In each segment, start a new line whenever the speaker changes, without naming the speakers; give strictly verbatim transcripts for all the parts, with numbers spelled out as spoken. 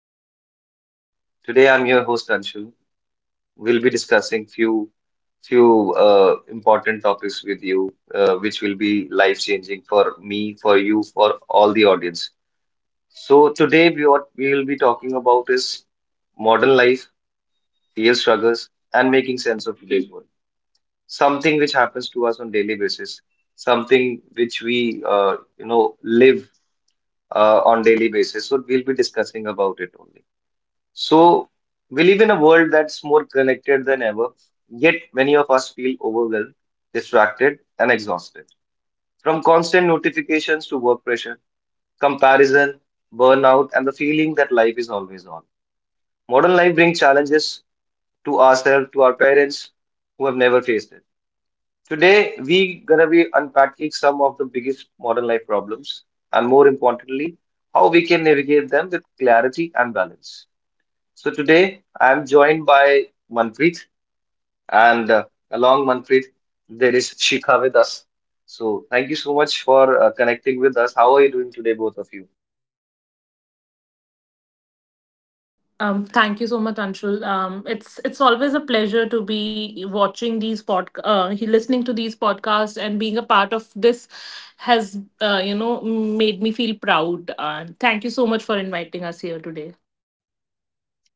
five p m talk. Today, I'm your host Anshu. We'll be discussing few few uh, important topics with you, uh, which will be life changing for me, for you, for all the audience. So today, we what we will be talking about is modern life, real struggles, and making sense of today's world. Something which happens to us on daily basis, something which we uh, you know live uh, on daily basis. So we'll be discussing about it only. So, we live in a world that's more connected than ever, yet many of us feel overwhelmed, distracted, and exhausted. From constant notifications to work pressure, comparison, burnout, and the feeling that life is always on. Modern life brings challenges to ourselves, to our parents who have never faced it. Today, we gonna be unpacking some of the biggest modern life problems, and more importantly, how we can navigate them with clarity and balance. So today I'm joined by Manpreet, and uh, along Manpreet, there is Shikha with us. So thank you so much for uh, connecting with us. How are you doing today, both of you?
Um, thank you so much, Anshul. Um, it's it's always a pleasure to be watching these pod, uh, he- listening to these podcasts, and being a part of this has, uh, you know, made me feel proud. Uh, thank you so much for inviting us here today.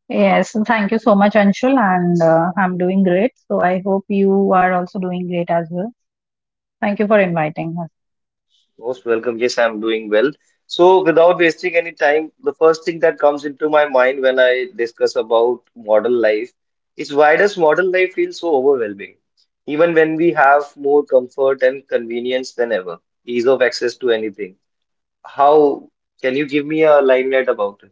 Yes, thank you so much, Anshul, and uh, I'm doing great. So I hope you are also doing great as well. Thank you for inviting us.
Most welcome. Yes, I'm doing well. So without wasting any time, the first thing that comes into my mind when I discuss about modern life is why does modern life feel so overwhelming? Even when we have more comfort and convenience than ever, ease of access to anything. How can you give me a limelight about it?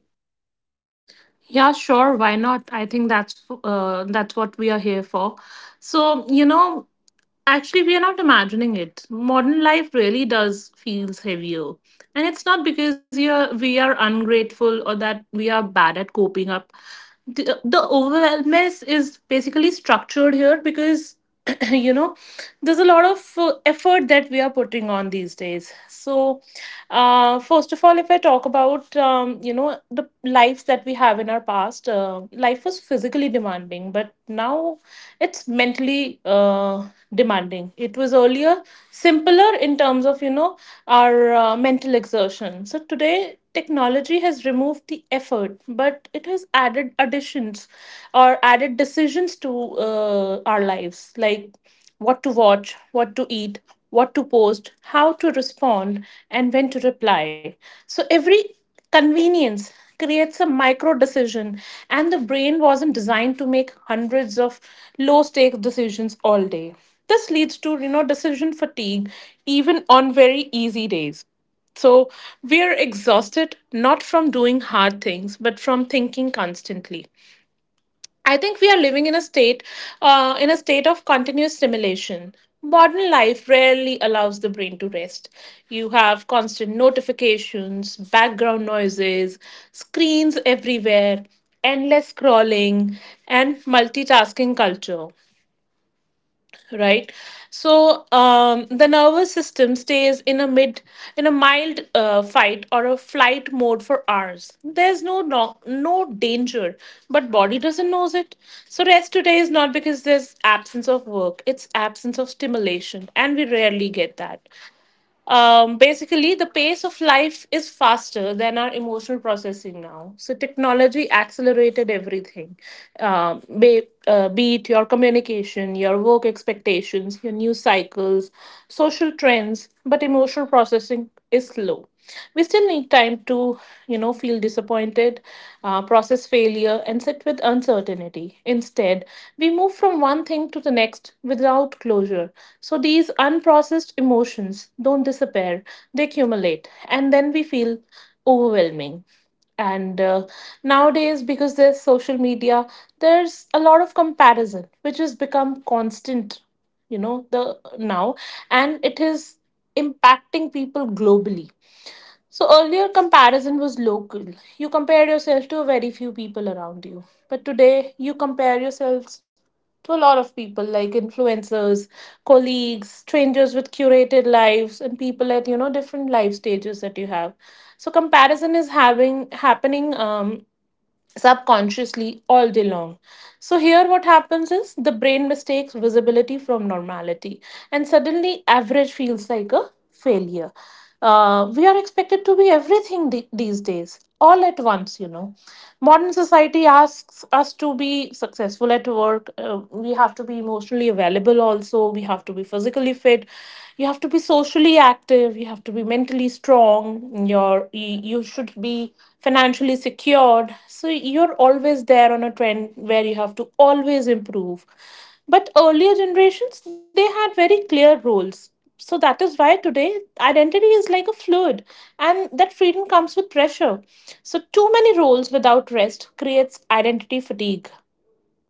Yeah, sure. Why not? I think that's uh, that's what we are here for. So you know, actually, we are not imagining it. Modern life really does feels heavier, and it's not because you're we are ungrateful or that we are bad at coping up. The, the overwhelmness is basically structured here because you know there's a lot of uh, effort that we are putting on these days. So uh, first of all, if I talk about, um, you know, the lives that we have in our past, uh, life was physically demanding, but now it's mentally uh, demanding. It was earlier simpler in terms of you know our uh, mental exertion. So today, technology has removed the effort, but it has added additions or added decisions to uh, our lives, like what to watch, what to eat, what to post, how to respond, and when to reply. So every convenience creates a micro decision, and the brain wasn't designed to make hundreds of low stakes decisions all day. This leads to you know decision fatigue even on very easy days. So we are exhausted not from doing hard things but from thinking constantly. I think we are living in a state, uh, in a state of continuous stimulation. Modern life rarely allows the brain to rest. You have constant notifications, background noises, screens everywhere, endless scrolling, and multitasking culture, right? So um, the nervous system stays in a mid in a mild uh, fight or a flight mode for hours. There's no, no no danger, but body doesn't knows it. So rest today is not because there's absence of work, it's absence of stimulation, and we rarely get that. Um, basically, the pace of life is faster than our emotional processing now. So technology accelerated everything, um, be, uh, be it your communication, your work expectations, your news cycles, social trends. But emotional processing is slow. We still need time to you know feel disappointed, uh, process failure, and sit with uncertainty body. Instead, we move from one thing to the next without closure. So these unprocessed emotions don't disappear, they accumulate, and then we feel overwhelming. And uh, nowadays, because there's social media, there's a lot of comparison, which has become constant, you know, the now, and it is impacting people globally. So earlier comparison was local. You compared yourself to a very few people around you. But today you compare yourselves to a lot of people like influencers, colleagues, strangers with curated lives, and people at you know different life stages that you have. So comparison is having happening um subconsciously all day long. So, here what happens is the brain mistakes visibility from normality, and suddenly average feels like a failure. Uh, we are expected to be everything the- these days, all at once, you know. Modern society asks us to be successful at work. Uh, we have to be emotionally available, also. We have to be physically fit. You have to be socially socially active, you have to be mentally strong, you're, you you should be financially secured. So you're always there on a trend where you have to always improve, but earlier generations, they had very clear roles. So that is why today identity is like a fluid, and that freedom comes with pressure. So too many roles without rest creates identity fatigue.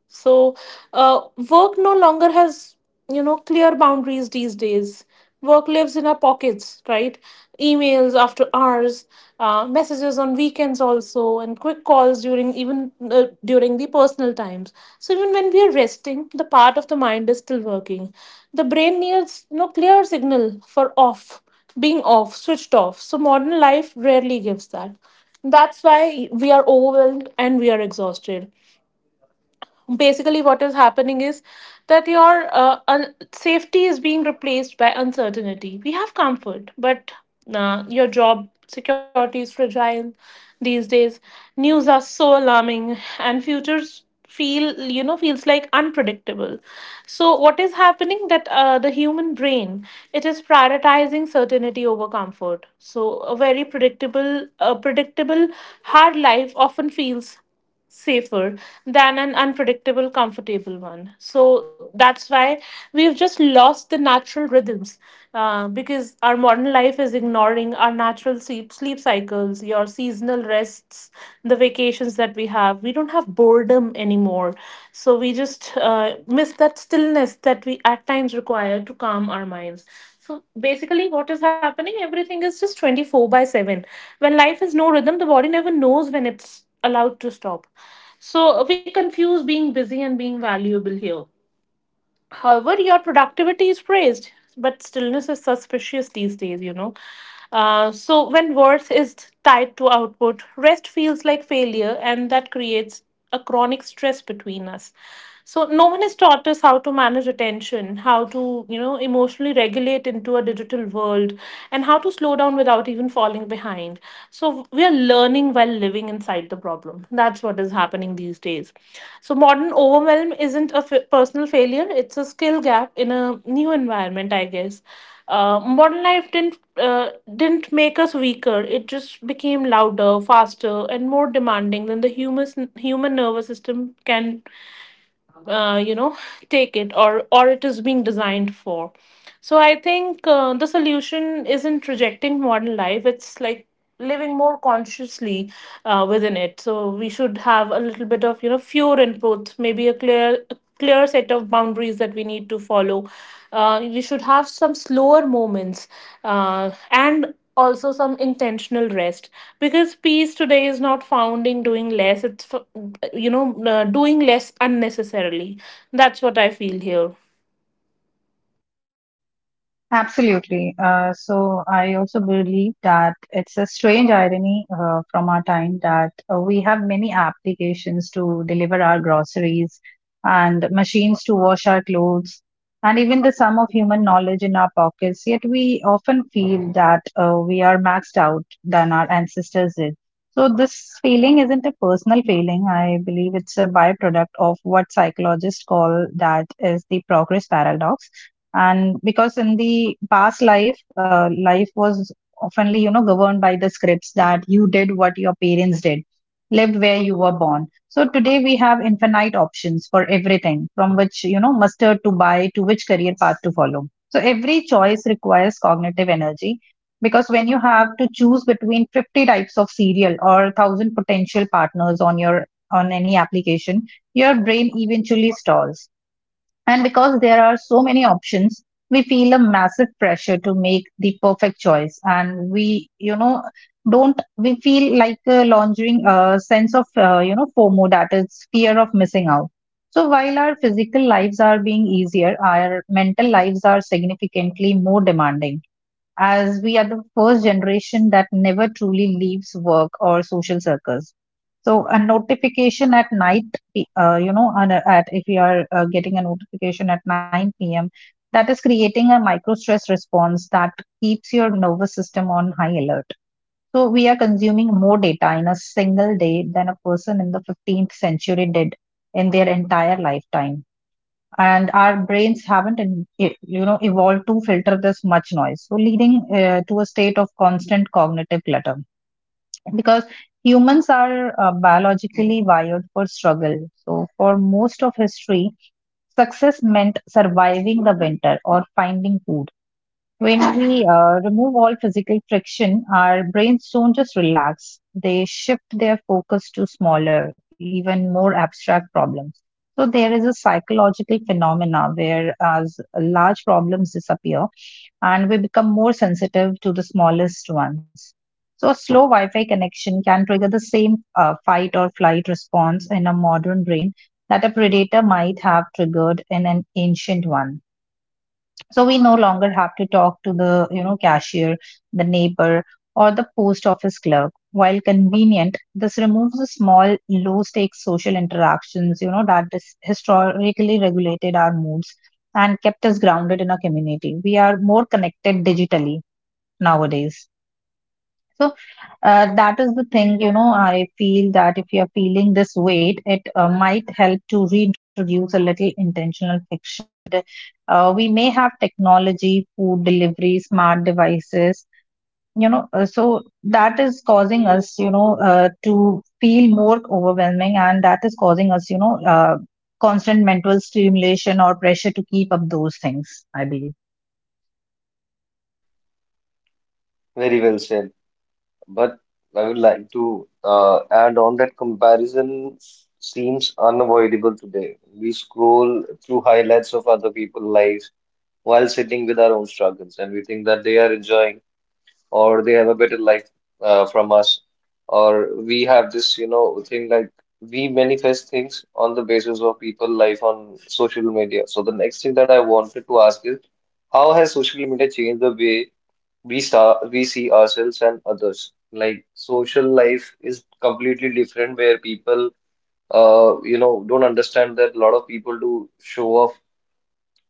So, uh, work no longer has, you know, clear boundaries these days. Work lives in our pockets, right? Emails after hours, uh, messages on weekends also, and quick calls during even uh, during the personal times. So even when we are resting, the part of the mind is still working. The brain needs, you know, clear signal for off, being off, switched off. So modern life rarely gives that. That's why we are overwhelmed and we are exhausted. Basically, what is happening is that your uh, un- safety is being replaced by uncertainty. We have comfort, but uh, your job security is fragile these days. News are so alarming, and futures feel you know feels like unpredictable. So what is happening that uh, the human brain, it is prioritizing certainty over comfort. So a very predictable, a predictable hard life often feels safer than an unpredictable, comfortable one. So that's why we've just lost the natural rhythms, uh, because our modern life is ignoring our natural sleep, sleep cycles, your seasonal rests, the vacations that we have. We don't have boredom anymore. So we just uh, miss that stillness that we at times require to calm our minds. So basically, what is happening? Everything is just twenty four by seven. When life has no rhythm, the body never knows when it's allowed to stop. So we confuse being busy and being valuable here. However, your productivity is praised, but stillness is suspicious these days, you know. Uh, so when worth is tied to output, rest feels like failure, and that creates a chronic stress between us. So no one has taught us how to manage attention, how to you know emotionally regulate into a digital world, and how to slow down without even falling falling behind. So we are learning while living inside the problem. That's what is happening these days. So modern overwhelm isn't a f- personal failure, it's a skill gap in a new environment, I guess. Uh, modern life didn't uh, didn't make us weaker. It just became louder, faster, and more demanding than the human human nervous system can uh, you know take it, or or it is being designed for. So I think uh, the solution isn't rejecting modern life, it's like living more consciously uh, within it. So we should have a little bit of you know fewer inputs, maybe a clear clear set of boundaries that we need to follow. Uh, we should have some slower moments, uh, and also some intentional rest, because peace today is not found in doing less. It's f- you know, uh, doing less unnecessarily. That's what I feel here.
Absolutely. Uh, so I also believe that it's a strange irony uh, from our time that uh, we have many applications to deliver our groceries, and machines to wash our clothes, and even the sum of human knowledge in our pockets. Yet we often feel that uh, we are maxed out than our ancestors did. So this feeling isn't a personal feeling. I believe it's a byproduct of what psychologists call, that is the progress paradox. And because in the past life, uh, life was oftenly, you know, governed by the scripts, that you did what your parents did, lived where you were born. So today we have infinite options for everything, from which, you know, mustard to buy to which career path to follow. So every choice requires cognitive energy, because when you have to choose between fifty types of cereal or a thousand potential partners on your on any application, your brain eventually stalls. And because there are so many options, we feel a massive pressure to make the perfect choice. And we, you know, don't, we feel like uh, launching a sense of, uh, you know, FOMO, that is fear of missing out. So while our physical lives are being easier, our mental lives are significantly more demanding, as we are the first generation that never truly leaves work or social circles. So a notification at night, uh, you know, on a, at if we are uh, getting a notification at nine p m, that is creating a micro stress response that keeps your nervous system on high alert. So we are consuming more data in a single day than a person in the fifteenth century did in their entire lifetime, and our brains haven't in, e- you know, evolved to filter this much noise, so leading uh, to a state of constant cognitive clutter. Because humans are uh, biologically wired for struggle, so for most of history, success meant surviving the winter or finding food. When we uh, remove all physical friction, our brains don't just relax, they shift their focus to smaller, even more abstract problems. So there is a psychological phenomena where as large problems disappear, and we become more sensitive to the smallest ones. So a slow Wi-Fi connection can trigger the same uh, fight or flight response in a modern brain that a predator might have triggered in an ancient one. So we no longer have to talk to the, you know, cashier, the neighbor, or the post office clerk. While convenient, this removes the small low stakes social interactions, you know, that is historically regulated our moods and kept us grounded in our community. We are more connected digitally nowadays. So uh, that is the thing, you know, I feel that if you are feeling this weight, it uh, might help to reintroduce a little intentional. Uh, we may have technology, food delivery, smart devices, you know, uh, so that is causing us, you know, uh, to feel more overwhelming, and that is causing us, you know, uh, constant mental stimulation or pressure to keep up those things, I believe.
Very well said. But I would like to uh, add on that comparison seems unavoidable today. We scroll through highlights of other people's lives while sitting with our own struggles, and we think that they are enjoying or they have a better life uh, from us, or we have this, you know, thing like we manifest things on the basis of people life on social media. So the next thing that I wanted to ask is, how has social media changed the way? We saw we see ourselves and others, like social life is completely different where people uh you know don't understand that a lot of people do show off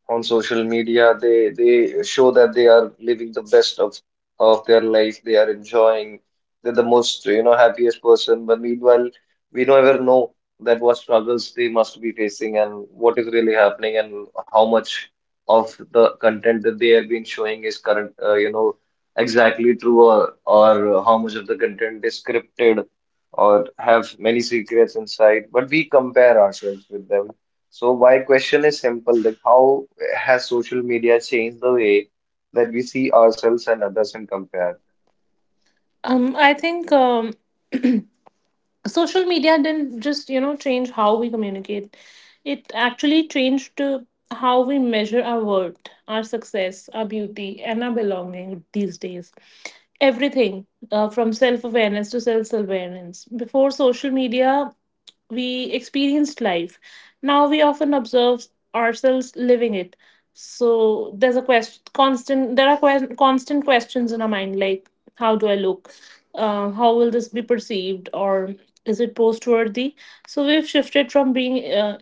on social media. They they show that they are living the best of of their life. They are enjoying. They're the most, you know, happiest person. But meanwhile, we never know that what struggles they must be facing and what is really happening and how much of the content that they have been showing is current. Uh, you know exactly true, or or how much of the content is scripted or have many secrets inside. But we compare ourselves with them. So my question is simple, like how has social media changed the way that we see ourselves and others and compare?
Um, I think. Um, social media didn't just you know change how we communicate, it actually changed uh, how we measure our worth, our success, our beauty, and our belonging these days. Everything, uh, from self awareness to self awareness. Before social media, we experienced life. Now we often observe ourselves living it. So there's a question, constant. There are que- constant questions in our mind, like how do I look? Uh, how will this be perceived? Or is it post worthy? So we've shifted from being uh,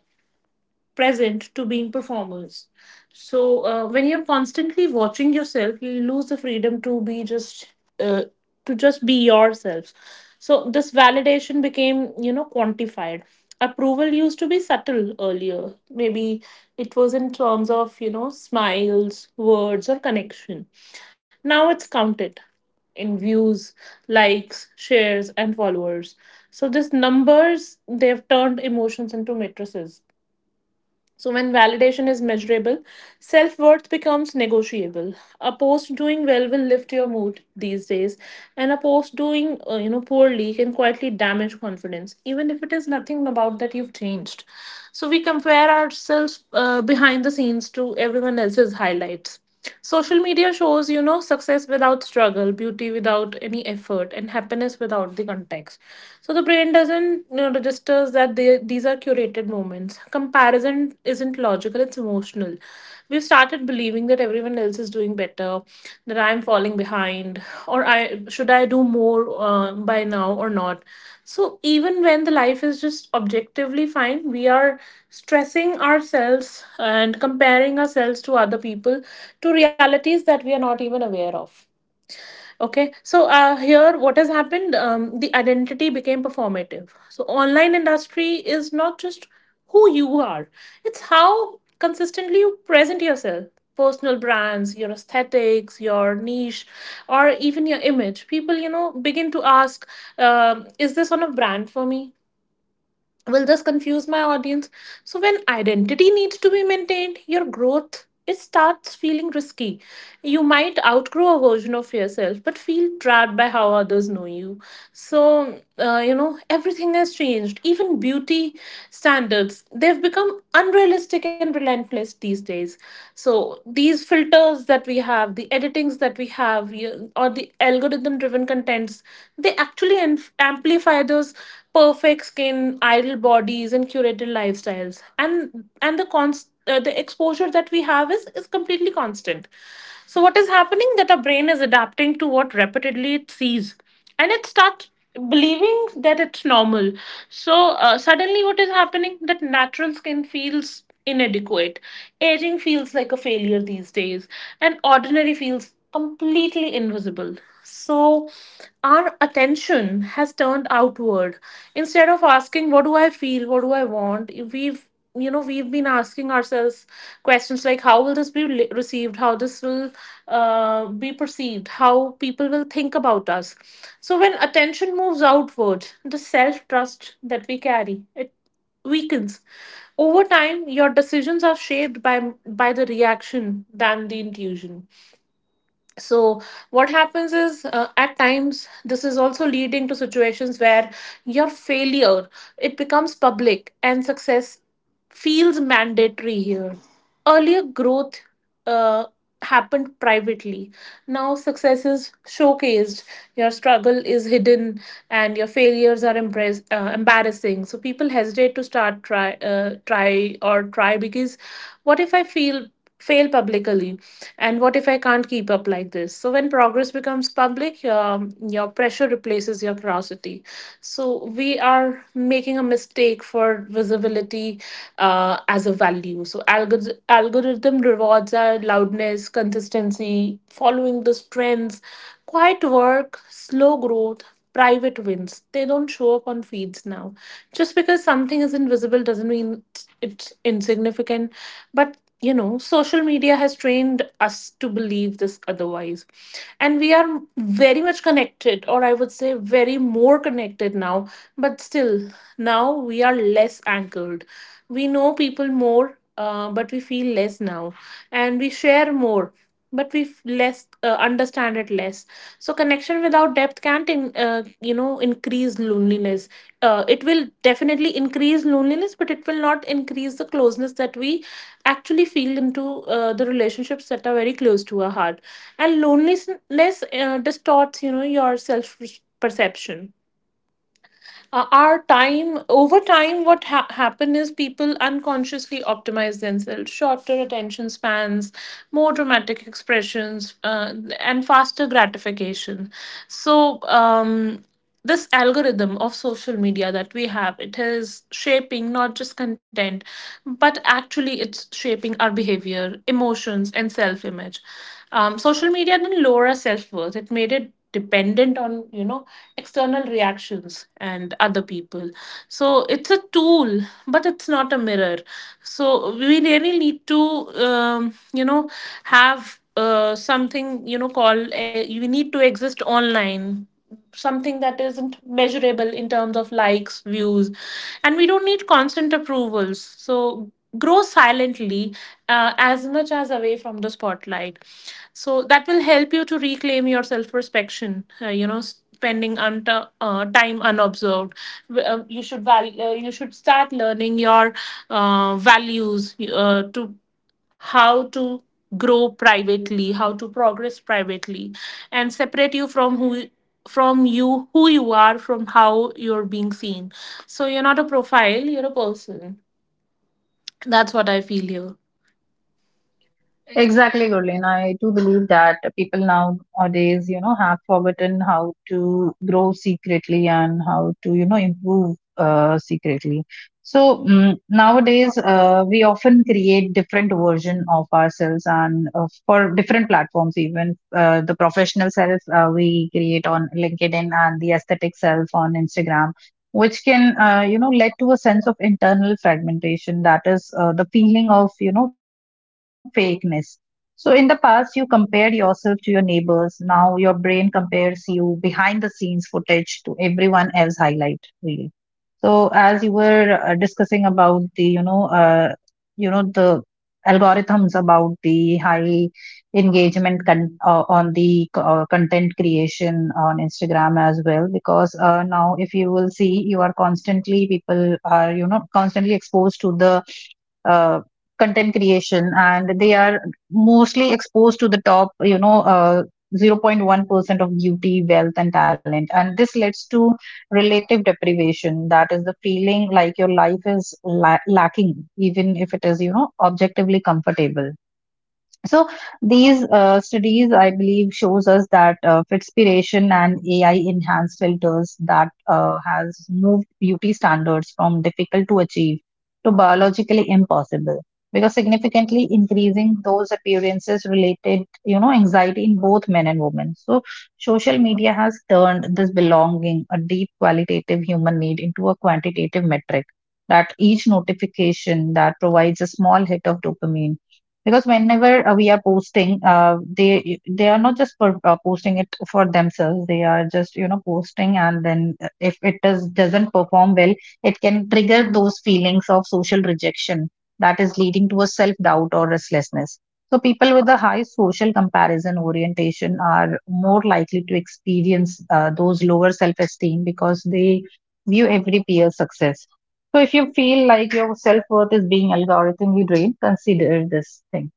present to being performers. So uh, when you're constantly watching yourself, you lose the freedom to be just uh, to just be yourself. So this validation became you know quantified. Approval used to be subtle earlier. Maybe it was in terms of you know smiles, words, or connection. Now it's counted in views, likes, shares, and followers. So these numbers, they've turned emotions into matrices. So, when validation is measurable, self worth becomes negotiable. A post doing well will lift your mood these days, and a post doing uh, you know poorly can quietly damage confidence, even if it is nothing about that you've changed. So, we compare ourselves uh, behind the scenes to everyone else's highlights. Social media shows, you know, success without struggle, beauty without any effort, and happiness without the context. So the brain doesn't you know registers that they, these are curated moments. Comparison isn't logical; it's emotional. We've started believing that everyone else is doing better, here that I'm falling behind, or I should I do more uh, by now or not. So even when the life is just objectively fine, we are stressing ourselves and comparing ourselves to other people, to realities that we are not even aware of. Okay, so uh, here what has happened? Um, the identity became performative. So online industry is not just who you are; it's how consistently you present yourself. Personal brands, your aesthetics, your niche, or even your image. People, you know, begin to ask, um, "Is this on a brand for me? Will this confuse my audience?" So, when identity needs to be maintained, your growth it starts feeling risky. You might outgrow a version of yourself, but feel trapped by how others know you. So, uh, you know, everything has changed. Even beauty standards, they've become unrealistic and relentless these days. So, these filters that we have, the editings that we have, you- or the algorithm driven contents, they actually inf- amplify those perfect skin, ideal bodies, and curated lifestyles. And and the const, uh, the exposure that we have is is completely constant. So what is happening that our brain is adapting to what repeatedly it sees, and it starts believing that it's normal. So uh, suddenly, what is happening that natural skin feels inadequate, aging feels like a failure these days, and ordinary feels completely invisible. So, our attention has turned outward. Instead of asking, what do I feel? What do I want? We've you know we've been asking ourselves questions like how will this be le- received, how this will uh, be perceived, how people will think about us. So when attention moves outward, the self trust that we carry it weakens over time. Your decisions are shaped by by the reaction than the intuition. So what happens is, uh, at times this is also leading to situations where your failure it becomes public and success feels mandatory here. Earlier growth uh, happened privately. Now success is showcased, your struggle is hidden, and your failures are embrass- uh, embarrassing. So people hesitate to start, try uh, try or try, because what if I feel fail publicly? And what if I can't keep up like this? So when progress becomes public, um, your pressure replaces your curiosity. So we are making a mistake for visibility uh, as a value. So algorith- algorithm rewards our loudness, consistency, following the trends. Quiet work, slow growth, private wins, they don't show up on feeds now. Just because something is invisible doesn't mean it's it's insignificant. But you know, social media has trained us to believe this otherwise. And we are very much connected, or I would say very more connected now, but still, now we are less anchored. We know people more, uh, but we feel less now. And we share more, but we f- less uh, understand it less. So connection without depth can't in, uh, you know, increase loneliness. Uh, it will definitely increase loneliness, but it will not increase the closeness that we actually feel into uh, the relationships that are very close to our heart. And loneliness uh, distorts, you know, your self perception. Uh, our time, over time what ha- happen is people unconsciously optimize themselves. Shorter attention spans, more dramatic expressions, uh, and faster gratification. So um, this algorithm of social media that we have, it is shaping not just content, but actually it's shaping our behavior, emotions and self-image. Um, social media didn't lower our self-worth, it made it dependent on, you know, external reactions and other people. So it's a tool, but it's not a mirror. So we really need to, um, you know, have uh, something, you know, called uh, you need to exist online, something that isn't measurable in terms of likes, views, and we don't need constant approvals. So grow silently, uh, as much as away from the spotlight. So that will help you to reclaim your self perspection, uh, you know. Spending un- uh, time unobserved. W- uh, you should val- uh, you should start learning your uh, values uh, to how to grow privately, how to progress privately, and separate you from who, from you, who you are from how you're being seen. So you're not a profile, you're a person. That's what I feel here.
Exactly, Gurleen. I do believe that people nowadays, you know, have forgotten how to grow secretly and how to, you know, improve uh, secretly. So mm, nowadays, uh, we often create different version of ourselves and uh, for different platforms, even uh, the professional self uh, we create on LinkedIn and the aesthetic self on Instagram. Which can, uh, you know, lead to a sense of internal fragmentation. That is uh, the feeling of, you know, fakeness. So, in the past, you compared yourself to your neighbors. Now, your brain compares you behind the scenes footage to everyone else highlight. Really. So, as you were uh, discussing about the, you know, uh, you know the algorithms about the high engagement con- uh, on the co- uh, content creation on Instagram as well, because uh, now if you will see, you are constantly people are you know constantly exposed to the uh, content creation, and they are mostly exposed to the top, you know, uh, zero point one percent of beauty, wealth, and talent. And this leads to relative deprivation, that is the feeling like your life is la- lacking, even if it is, you know, objectively comfortable. So these uh, studies I believe shows us that uh, fitspiration and AI enhanced filters that uh, has moved beauty standards from difficult to achieve to biologically impossible, because significantly increasing those appearances related, you know, anxiety in both men and women. So social media has turned this belonging, a deep qualitative human need, into a quantitative metric. That each notification that provides a small hit of dopamine, because whenever uh, we are posting, uh, they they are not just for uh, posting it for themselves, they are just, you know, posting. And then uh, if it does doesn't perform well, it can trigger those feelings of social rejection, that is leading to a self doubt or restlessness. So people with a high social comparison orientation are more likely to experience uh, those lower self esteem, because they view every peer's success. So if you feel like your self worth is being algorithmically drained, consider this thing.